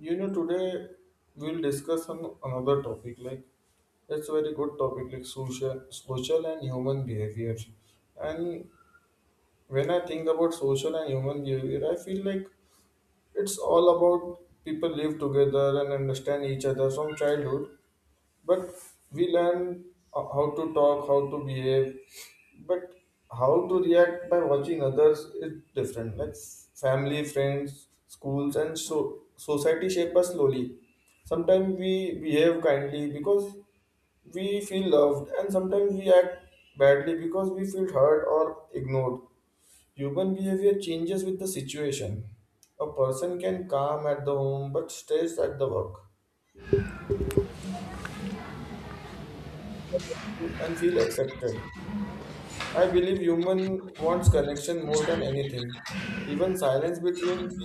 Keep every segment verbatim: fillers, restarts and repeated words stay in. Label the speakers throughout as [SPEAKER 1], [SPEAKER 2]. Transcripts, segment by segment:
[SPEAKER 1] You know, today we'll discuss on another topic. Like it's very good topic, like social, social and human behavior. And when I think about social and human behavior, I feel like it's all about people live together and understand each other from childhood, but we learn ho- how to talk, how to behave, but how to react by watching others is different, like family, friends, schools, and so society shape us slowly. Sometimes we behave kindly because we feel loved, and sometimes we act badly because we feel hurt or ignored. Human behavior changes with the situation. A person can calm at the home but stays at the work and feel accepted. I believe human wants connection more than anything. Even silence between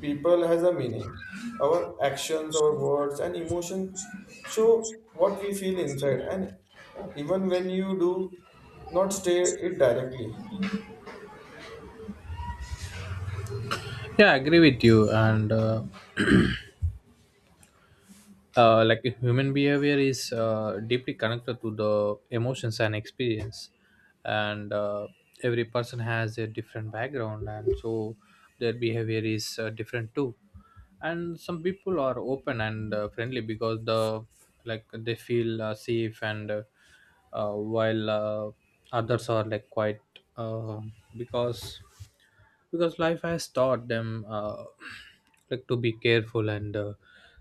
[SPEAKER 1] people has a meaning. Our actions, our words, and emotions show what we feel inside, and even when you do not state it directly.
[SPEAKER 2] Yeah, I agree with you. And uh, uh, like human behavior is uh, deeply connected to the emotions and experience, and uh, every person has a different background, and so their behavior is uh, different too. And some people are open and uh, friendly because the like they feel uh, safe, and uh, uh, while uh, others are like quite uh, because because life has taught them, uh, like, to be careful, and uh,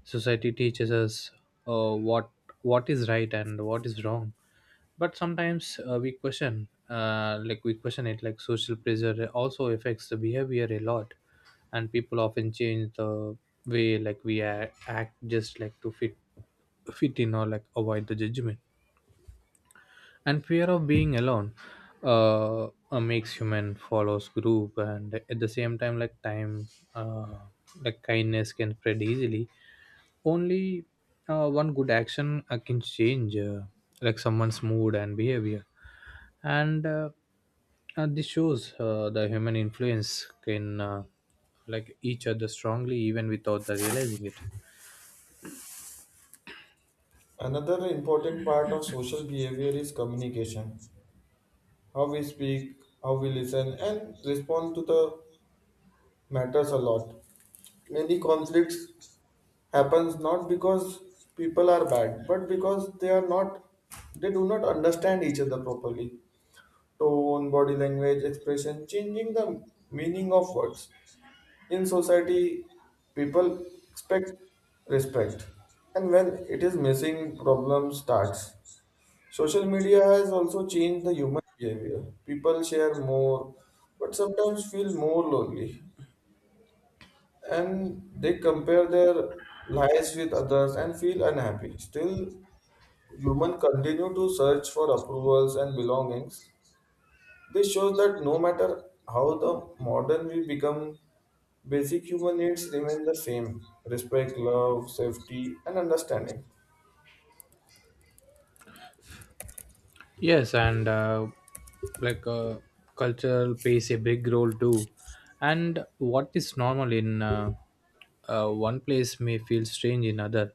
[SPEAKER 2] society teaches us uh, what what is right and what is wrong, but sometimes uh, we question, uh, like we question it like social pressure also affects the behavior a lot. And people often change the way, like we a- act just like to fit fit in or like avoid the judgment and fear of being alone. uh, uh, Makes human follows group, and at the same time, like time uh, like kindness can spread easily. Only uh, one good action uh, can change uh, like someone's mood and behavior. And uh, uh, This shows uh, the human influence can uh, like each other strongly, even without the realizing it.
[SPEAKER 1] Another important part of social behavior is communication. How we speak, how we listen, and respond to the matters a lot. Many conflicts happens not because people are bad but because they are not they do not understand each other properly. Tone, body language, expression changing the meaning of words. In society, people expect respect, and when it is missing, problem starts. Social media has also changed the human behavior. People share more but sometimes feel more lonely, and they compare their lives with others and feel unhappy. Still, humans continue to search for approvals and belongings. This shows that no matter how the modern we become, basic human needs remain the same: respect, love, safety, and understanding.
[SPEAKER 2] Yes, and uh, like uh, culture plays a big role too. And what is normal in uh, uh, one place may feel strange in other.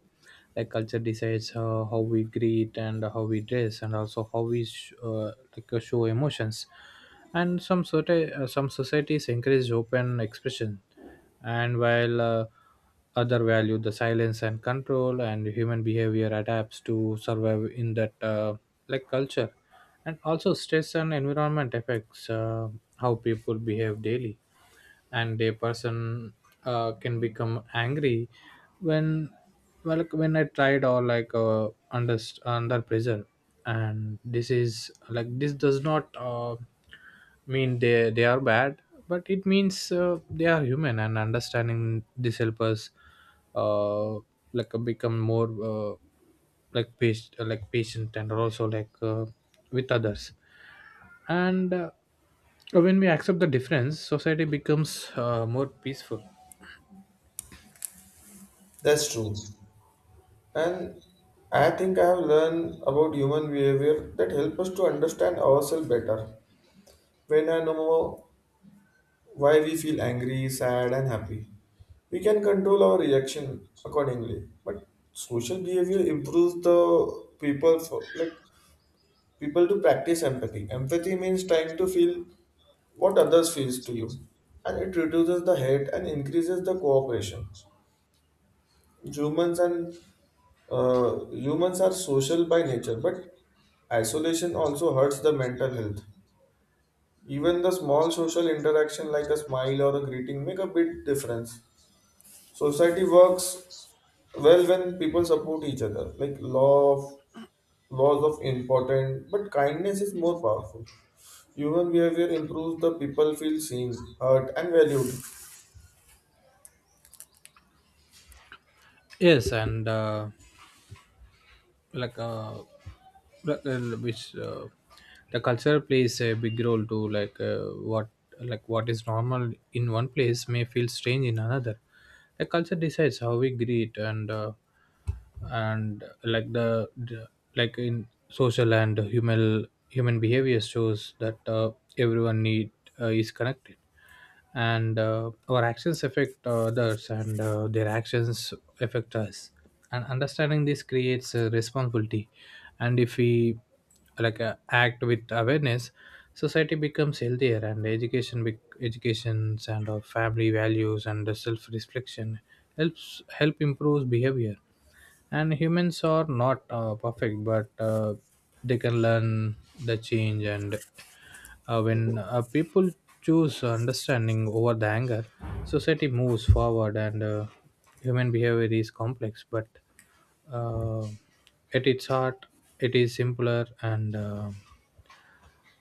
[SPEAKER 2] Like, culture decides uh, how we greet and how we dress, and also how we sh- uh, like uh, show emotions. And some sort uh, some societies encourage open expression, and while uh, other value the silence and control, and human behavior adapts to survive in that, uh, like, culture. And also stress and environment affects uh, how people behave daily. And a person uh, can become angry when, well like, when I tried, or like uh, under under pressure. And this is like, this does not uh, mean they they are bad, but it means uh, they are human, and understanding this help us uh, like uh, become more uh, like patient like patient and also like uh, with others. And uh, when we accept the difference, society becomes uh, more peaceful.
[SPEAKER 1] That's true. And I think I have learned about human behavior that help us to understand ourselves better. When I know why we feel angry, sad, and happy, we can control our reaction accordingly. But social behavior improves the people for like people to practice empathy. Empathy means trying to feel what others feels to you, and it reduces the hate and increases the cooperation. Humans and uh, humans are social by nature, but isolation also hurts the mental health. Even the small social interaction like a smile or a greeting make a big difference. Society works well when people support each other. Like law of laws of important, but kindness is more powerful. Human behavior improves the people feel seen, heard, and valued.
[SPEAKER 2] Yes, and uh, like uh, like, uh, which uh, the culture plays a big role to like uh, what like what is normal in one place may feel strange in another. The culture decides how we greet, and uh, and like the, the like in social and human human behavior shows that uh, everyone need, uh, is connected. And uh, our actions affect others, and uh, their actions affect us. And understanding this creates a responsibility. And if we like uh, act with awareness, society becomes healthier, and education, bec- educations and our family values and the self reflection helps help improves behavior. And humans are not uh, perfect, but uh, they can learn the change. And uh, when uh, people choose understanding over the anger, society moves forward. And uh, human behavior is complex, but uh, at its heart, it is simpler. and uh,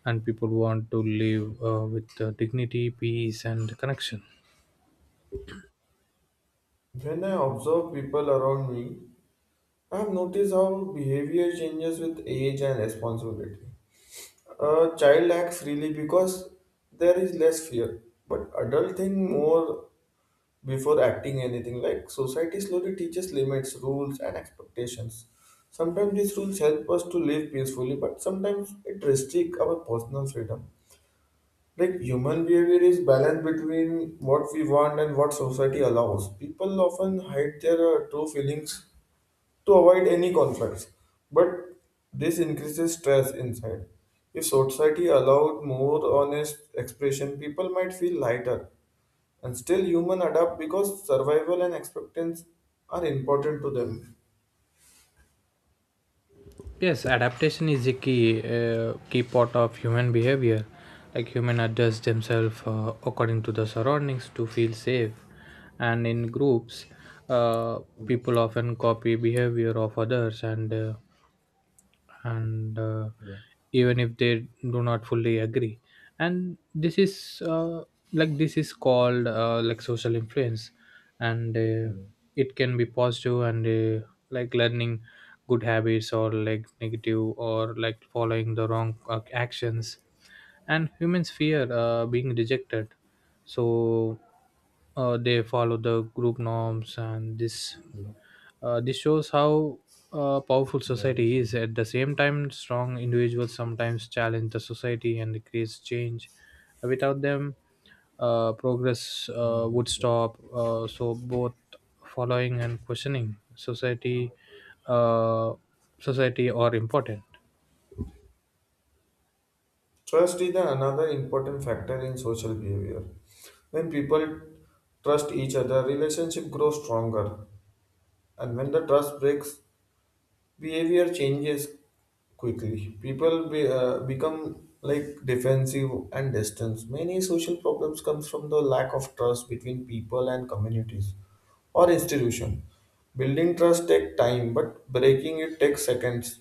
[SPEAKER 2] and people want to live uh, with uh, dignity, peace, and connection.
[SPEAKER 1] When I observe people around me, I have noticed how behavior changes with age and responsibility. A child acts freely because there is less fear, but adult think more before acting anything. Like society slowly teaches limits, rules, and expectations. Sometimes these rules help us to live peacefully, but sometimes it restricts our personal freedom. Like human behavior is balanced between what we want and what society allows. People often hide their uh, true feelings to avoid any conflicts, but this increases stress inside. If society allowed more honest expression, people might feel lighter, and still human adapt because survival and acceptance are important to them.
[SPEAKER 2] Yes, adaptation is a key uh, key part of human behavior. Like, human adjust themselves uh, according to the surroundings to feel safe. And in groups, uh, people often copy behavior of others, and uh, and uh, yeah, even if they do not fully agree. And this is uh, like this is called uh, like social influence. And uh, Mm. It can be positive, and uh, like learning good habits, or like negative, or like following the wrong uh, actions. And humans fear uh, being rejected, so uh, they follow the group norms, and this, Uh, this shows how uh, powerful society is. At the same time, strong individuals sometimes challenge the society and creates change. Without them, uh, progress uh, would stop. Uh, so both following and questioning society, uh, society are important.
[SPEAKER 1] Trust is another important factor in social behavior. When people trust each other, relationship grows stronger. And when the trust breaks, behavior changes quickly. People be, uh, become like defensive and distant. Many social problems comes from the lack of trust between people and communities or institution. Building trust takes time, but breaking it takes seconds.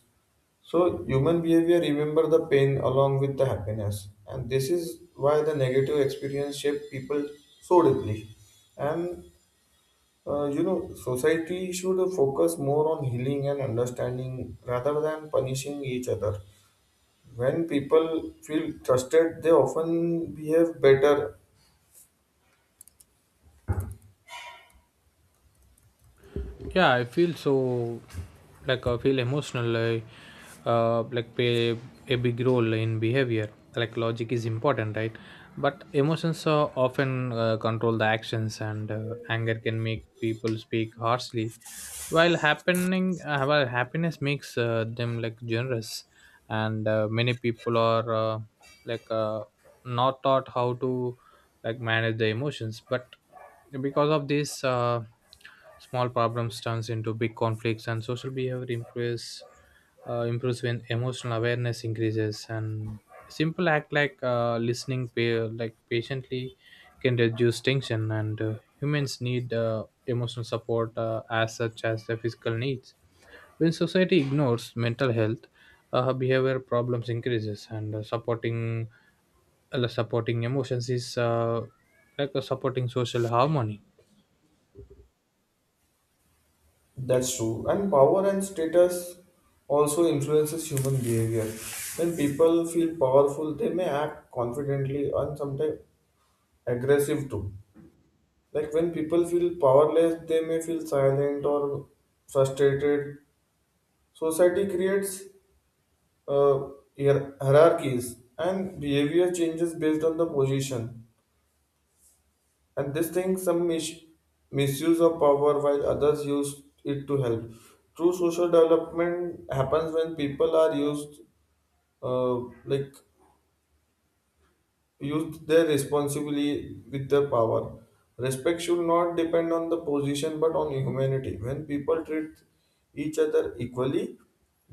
[SPEAKER 1] So human behavior remember the pain along with the happiness, and this is why the negative experience shape people so deeply. And uh, you know, society should focus more on healing and understanding rather than punishing each other. When people feel trusted, they often behave better.
[SPEAKER 2] Yeah, I feel so, like, I feel emotional I, uh, like play a big role in behavior. Like, logic is important, right? But emotions uh, often uh, control the actions. And uh, anger can make people speak harshly, while happening uh, while happiness makes uh, them like generous. And uh, many people are uh, like uh, not taught how to, like, manage the emotions. But because of this, uh, small problems turns into big conflicts, and social behavior improves uh, improves when emotional awareness increases. And simple act like uh, listening, pa- like patiently, can reduce tension. And uh, humans need uh, emotional support uh, as such as their physical needs. When society ignores mental health, uh, behavior problems increases. And uh, supporting uh, supporting emotions is uh, like uh, supporting social harmony.
[SPEAKER 1] That's true. And power and status also influences human behavior. When people feel powerful, they may act confidently and sometimes aggressive too. Like when people feel powerless, they may feel silent or frustrated. Society creates uh, hier- hierarchies, and behavior changes based on the position, and this thing some mis- misuse of power while others use it to help. True social development happens when people are used uh, like used their responsibly with their power. Respect should not depend on the position but on humanity. When people treat each other equally,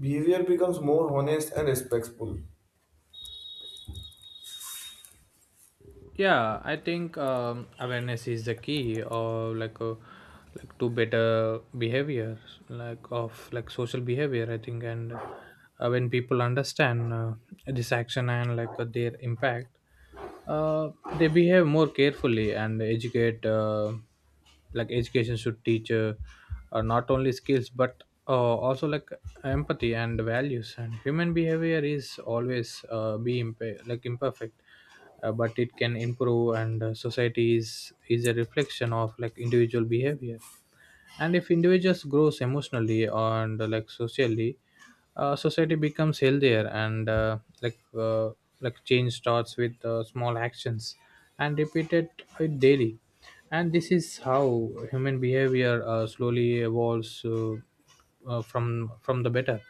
[SPEAKER 1] behavior becomes more honest and respectful.
[SPEAKER 2] Yeah, I think um, awareness is the key, or like uh like, to better behavior, like of like social behavior, I think. And uh, when people understand uh, this action and like uh, their impact, uh, they behave more carefully. And educate uh, like education should teach uh, uh, not only skills, but uh, also like empathy and values. And human behavior is always uh, be imp- like imperfect, uh, but it can improve. And uh, society is is a reflection of like individual behavior. And if individuals grows emotionally, and uh, like socially, uh, society becomes healthier. And uh, like uh, like change starts with uh, small actions and repeated it daily. And this is how human behavior uh, slowly evolves, uh, uh, from from the better.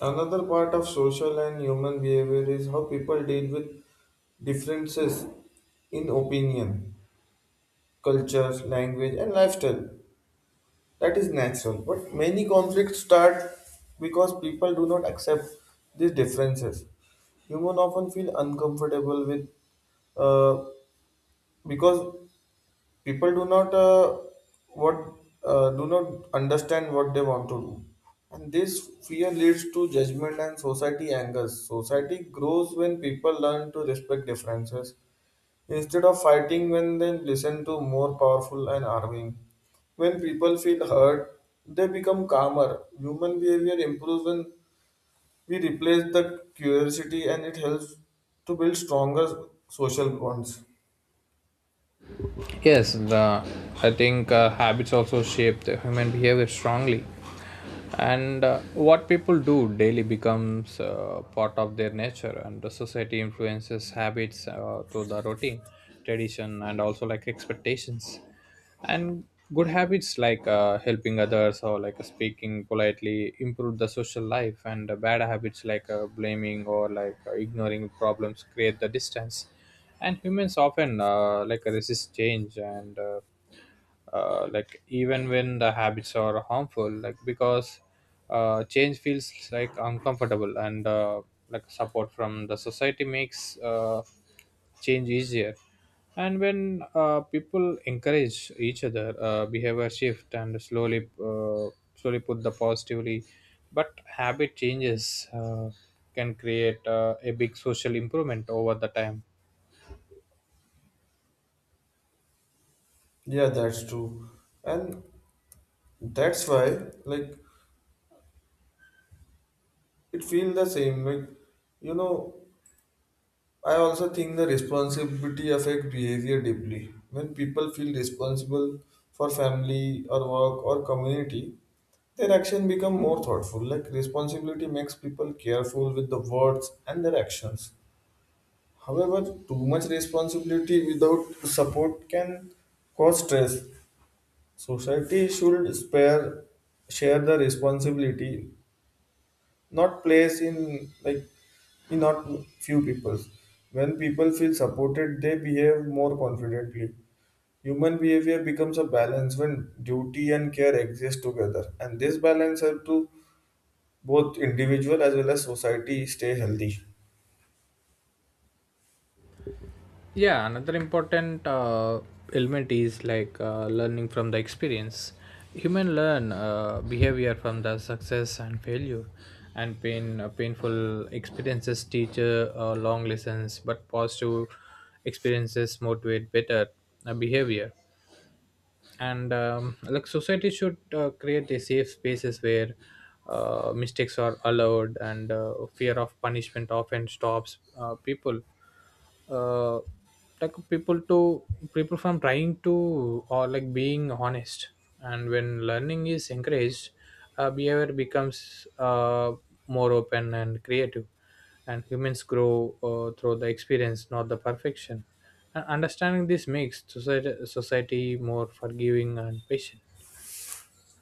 [SPEAKER 1] Another part of social and human behavior is how people deal with differences in opinion, culture, language, and lifestyle. That is natural, but many conflicts start because people do not accept these differences. Humans often feel uncomfortable with uh, because people do not uh, what uh, do not understand what they want to do, and this fear leads to judgment and society angers. Society grows when people learn to respect differences instead of fighting. When they listen to more powerful and arguing, when people feel hurt, they become calmer. Human behavior improves when we replace the curiosity, and it helps to build stronger social bonds.
[SPEAKER 2] Yes, the, I think uh, habits also shape the human behavior strongly. And uh, what people do daily becomes uh, part of their nature, and the society influences habits uh, through the routine, tradition, and also like expectations. And good habits like uh, helping others or like speaking politely improve the social life. And uh, bad habits like uh, blaming or like uh, ignoring problems create the distance. And humans often uh, like resist change, and uh, uh, like even when the habits are harmful, like, because uh, change feels like uncomfortable. And uh, like support from the society makes uh, change easier. And when uh, people encourage each other, uh, behavior shift and slowly uh, slowly put the positively. But habit changes uh, can create uh, a big social improvement over the time.
[SPEAKER 1] Yeah, that's true. And that's why, like, it feels the same. Like, you know, I also think the responsibility affect behavior deeply. When people feel responsible for family or work or community, their action become more thoughtful. Like, responsibility makes people careful with the words and their actions. However, too much responsibility without support can cause stress. Society should spare share the responsibility, not place in like not few people. When people feel supported, they behave more confidently. Human behavior becomes a balance when duty and care exist together, and this balance helps to both individual as well as society stay healthy.
[SPEAKER 2] Yeah, another important uh, element is like uh, learning from the experience. Human learn uh, behavior from the success and failure. And pain uh, painful experiences teach uh, uh, long lessons, but positive experiences motivate better uh, behavior. And um, like society should uh, create a safe spaces where uh, mistakes are allowed. And uh, fear of punishment often stops uh, people, uh, like people to people from trying to, or like being honest. And when learning is encouraged, uh, behavior becomes uh, more open and creative. And humans grow uh, through the experience, not the perfection. And understanding this makes society, society more forgiving and patient.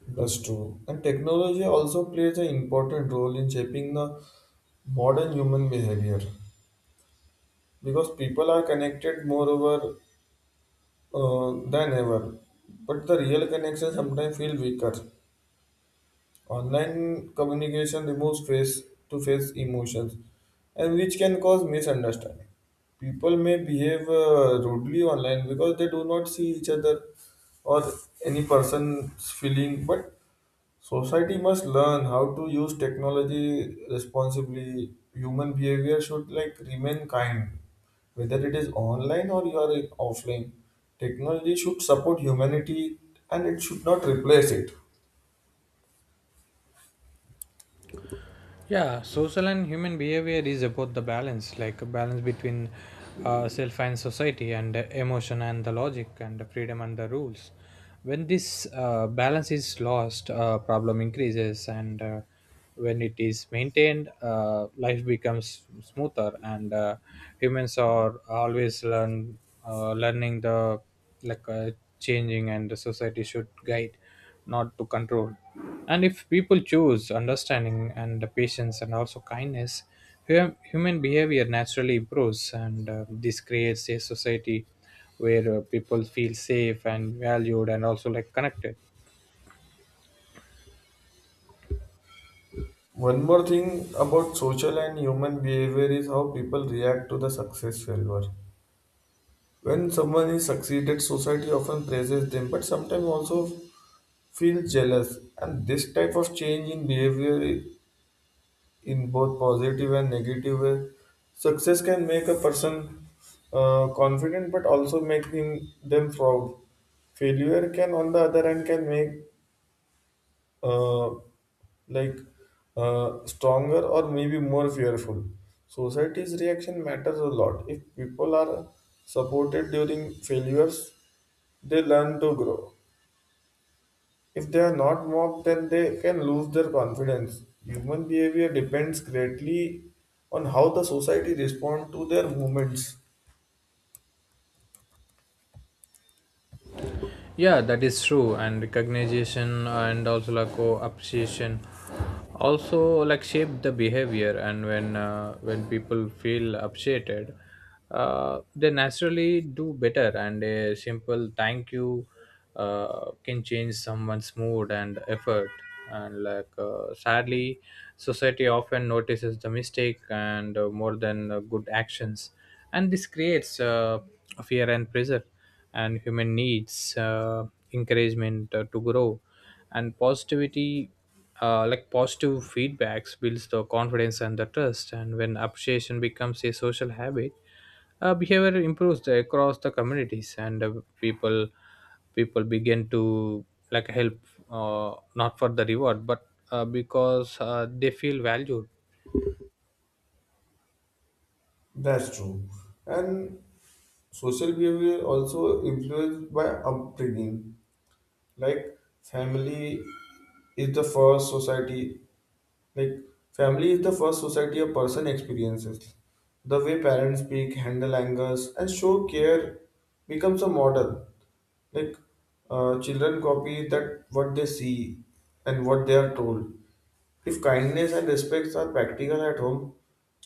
[SPEAKER 1] That's true. And technology also plays an important role in shaping the modern human behavior because people are connected more over uh, than ever. But the real connection sometimes feel weaker. Online communication removes face to face emotions, and which can cause misunderstanding. People may behave uh, rudely online because they do not see each other or any person's feeling, but society must learn how to use technology responsibly. Human behavior should like remain kind, whether it is online or you are in offline. Technology should support humanity, and it should not replace it.
[SPEAKER 2] Yeah, social and human behavior is about the balance, like a balance between uh, self and society, and uh, emotion and the logic, and the freedom and the rules. When this uh, balance is lost, uh, problem increases, and uh, when it is maintained, uh, life becomes smoother. And uh, humans are always learn uh, learning the like uh, changing, and the society should guide, not to control. And if people choose understanding and patience and also kindness, hu- human behavior naturally improves. And uh, this creates a society where uh, people feel safe and valued and also like connected.
[SPEAKER 1] One more thing about social and human behavior is how people react to the success failure. When someone is succeeded, society often praises them, but sometimes also feels jealous. And this type of change in behavior i- in both positive and negative way, success can make a person uh, confident, but also make him them proud. Failure can, on the other hand, can make uh, like uh, stronger or maybe more fearful. Society's reaction matters a lot. If people are supported during failures, they learn to grow. If they are not mocked, then they can lose their confidence. Human behavior depends greatly on how the society responds to their movements.
[SPEAKER 2] Yeah, that is true. And recognition and also like co appreciation also like shape the behavior. And when uh, when people feel appreciated, uh, they naturally do better. And a simple thank you uh, can change someone's mood and effort. And like uh, sadly, society often notices the mistake and uh, more than uh, good actions, and this creates uh, fear and pressure. And human needs uh, encouragement uh, to grow, and positivity, uh, like positive feedbacks builds the confidence and the trust. And when appreciation becomes a social habit, uh, behavior improves the- across the communities. And uh, people people begin to like help, uh, not for the reward, but uh, because uh, they feel valued.
[SPEAKER 1] That's true. And social behavior also influenced by upbringing. Like family is the first society like family is the first society a person experiences. The way parents speak, handle angers, and show care becomes a model. Like, uh, children copy that what they see and what they are told. If kindness and respect are practical at home,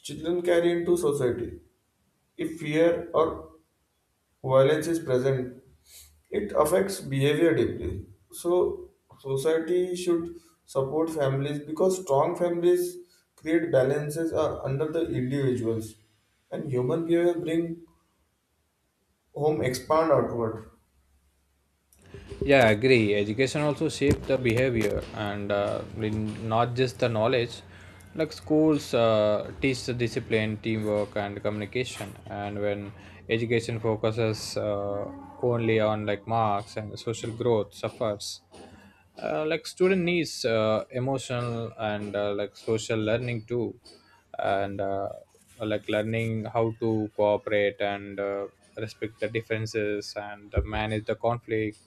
[SPEAKER 1] children carry into society. If fear or violence is present, it affects behavior deeply. So, society should support families because strong families create balances are under the individuals, and human behavior bring home expand outward.
[SPEAKER 2] Yeah, I agree. Education also shape the behavior, and uh, in- not just the knowledge. Like, schools uh, teach the discipline, teamwork, and communication. And when education focuses uh, only on like marks and social growth, suffers. Uh, like, student needs uh, emotional and uh, like social learning too. And uh, like learning how to cooperate and uh, respect the differences and manage the conflict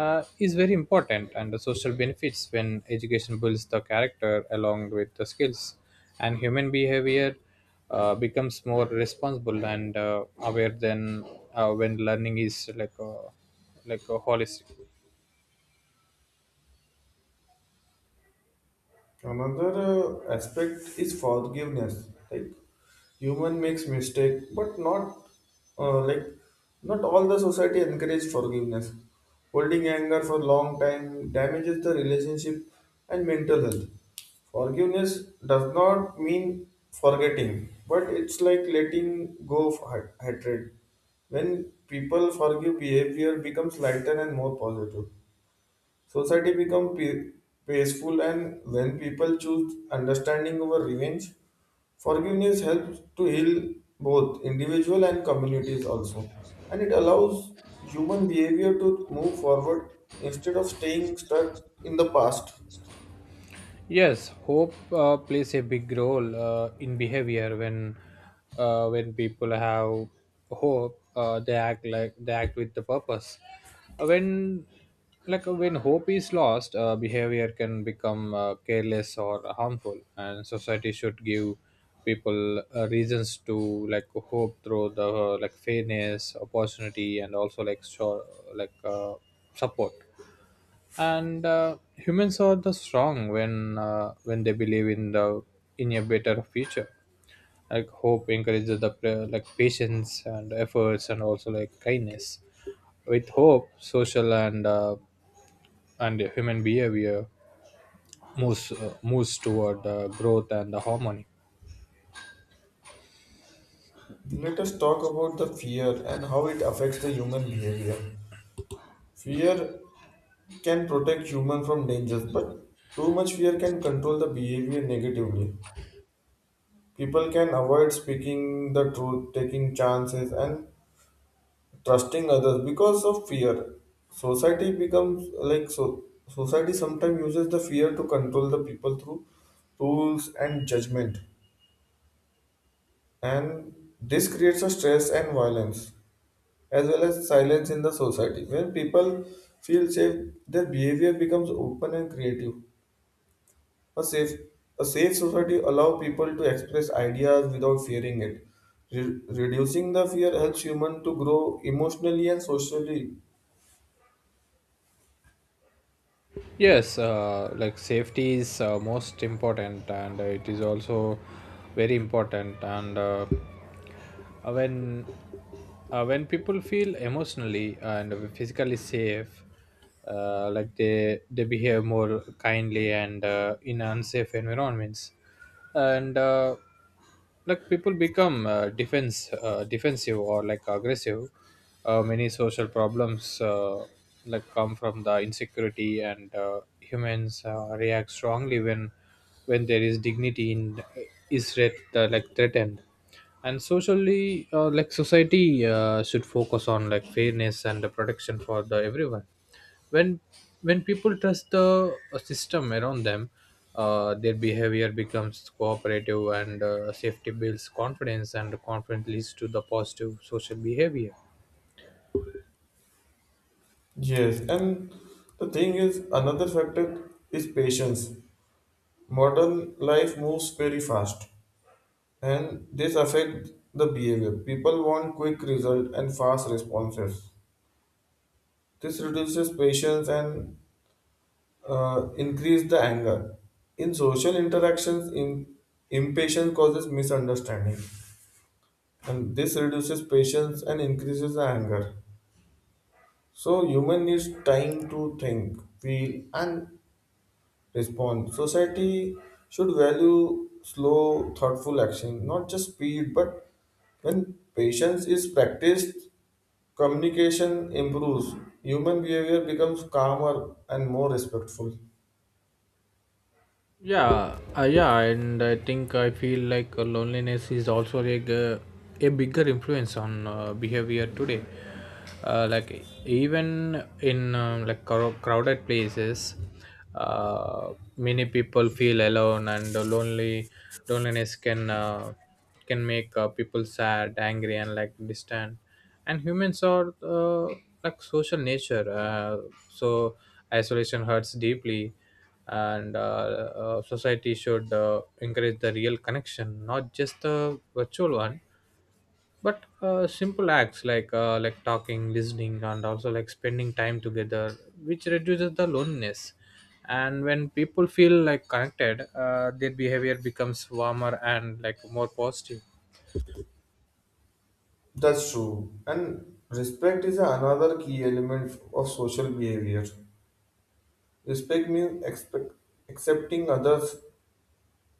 [SPEAKER 2] uh, is very important. And the social benefits when education builds the character along with the skills. And human behavior uh, becomes more responsible and uh, aware than uh, when learning is like a, like a holistic.
[SPEAKER 1] Another uh, aspect is forgiveness. Like human makes mistake, but not uh, like not all the society encourage forgiveness. Holding anger for long time damages the relationship and mental health. Forgiveness does not mean forgetting, but it's like letting go of hat- hatred. When people forgive, behavior becomes lighter and more positive. Society become pe- peaceful, and when people choose understanding over revenge, forgiveness helps to heal both individual and communities also. And it allows human behavior to move forward instead of staying stuck in the past.
[SPEAKER 2] Yes, hope uh, plays a big role uh, in behavior. When uh, when people have hope, uh, they act, like, they act with the purpose. Uh, When like uh, when hope is lost, uh, behavior can become uh, careless or harmful, and society should give people uh, reasons to like hope through the, uh, like, fairness, opportunity, and also like sure, like uh, support. And uh, humans are the strong when, uh, when they believe in the, in a better future. Like, hope encourages the prayer, like patience and efforts and also like kindness. With hope, social and uh, and human behavior moves uh, moves toward uh, growth and the harmony.
[SPEAKER 1] Let us talk about the fear and how it affects the human behavior. Fear can protect human from dangers, but too much fear can control the behavior negatively. People can avoid speaking the truth, taking chances, and trusting others because of fear. Society becomes like so society sometimes uses the fear to control the people through rules and judgment, and this creates a stress and violence as well as silence in the society. When people feel safe, their behavior becomes open and creative. A safe, a safe society allows people to express ideas without fearing it. Re- reducing the fear helps humans to grow emotionally and socially.
[SPEAKER 2] Yes, uh, like, safety is uh, most important, and it is also very important. And uh, Uh, when uh, when people feel emotionally and physically safe, uh, like they they behave more kindly. And uh, in unsafe environments, and uh, like people become uh, defense uh, defensive or like aggressive. Uh, many social problems uh, like come from the insecurity. And uh, humans uh, react strongly when when there is dignity in, is threat, uh, like threatened. And socially uh, like society uh, should focus on like fairness and the protection for the everyone. when when people trust the uh, system around them, uh, their behavior becomes cooperative. And uh, safety builds confidence, and confidence leads to the positive social behavior.
[SPEAKER 1] Yes, and the thing is, another factor is patience. Modern life moves very fast, and this affects the behavior. People want quick result and fast responses. This reduces patience and uh, increase the anger. In social interactions, im- impatience causes misunderstanding, and this reduces patience and increases the anger. So, human needs time to think, feel, and respond. Society should value slow, thoughtful action, not just speed. But when patience is practiced, communication improves. Human behavior becomes calmer and more respectful.
[SPEAKER 2] Yeah uh, yeah, and I think I feel like uh, loneliness is also like uh, a bigger influence on uh, behavior today. Uh, like, even in um, like crow- crowded places, uh, many people feel alone and lonely. Loneliness can uh, can make uh, people sad, angry, and like distant. And humans are uh, like social nature. Uh, so isolation hurts deeply, and uh, uh, society should uh, encourage the real connection, not just the virtual one. But uh, simple acts like uh, like talking, listening, and also like spending time together, which reduces the loneliness. And when people feel like connected, uh, their behavior becomes warmer and like more positive.
[SPEAKER 1] That's true. And respect is another key element of social behavior. Respect means expect, accepting others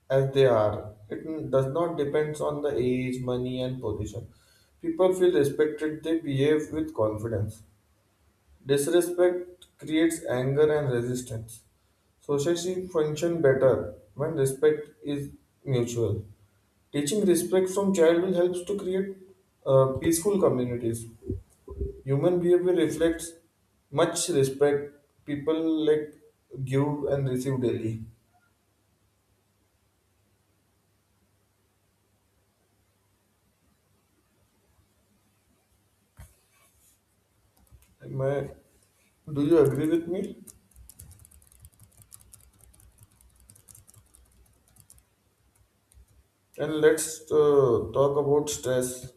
[SPEAKER 1] as they are. It does not depend on the age, money, and position. People feel respected, they behave with confidence. Disrespect creates anger and resistance. Society function better when respect is mutual. Teaching respect from child will helps to create uh, peaceful communities. Human behavior reflects much respect people like give and receive daily. Am I- do you agree with me? And let's uh, talk about stress.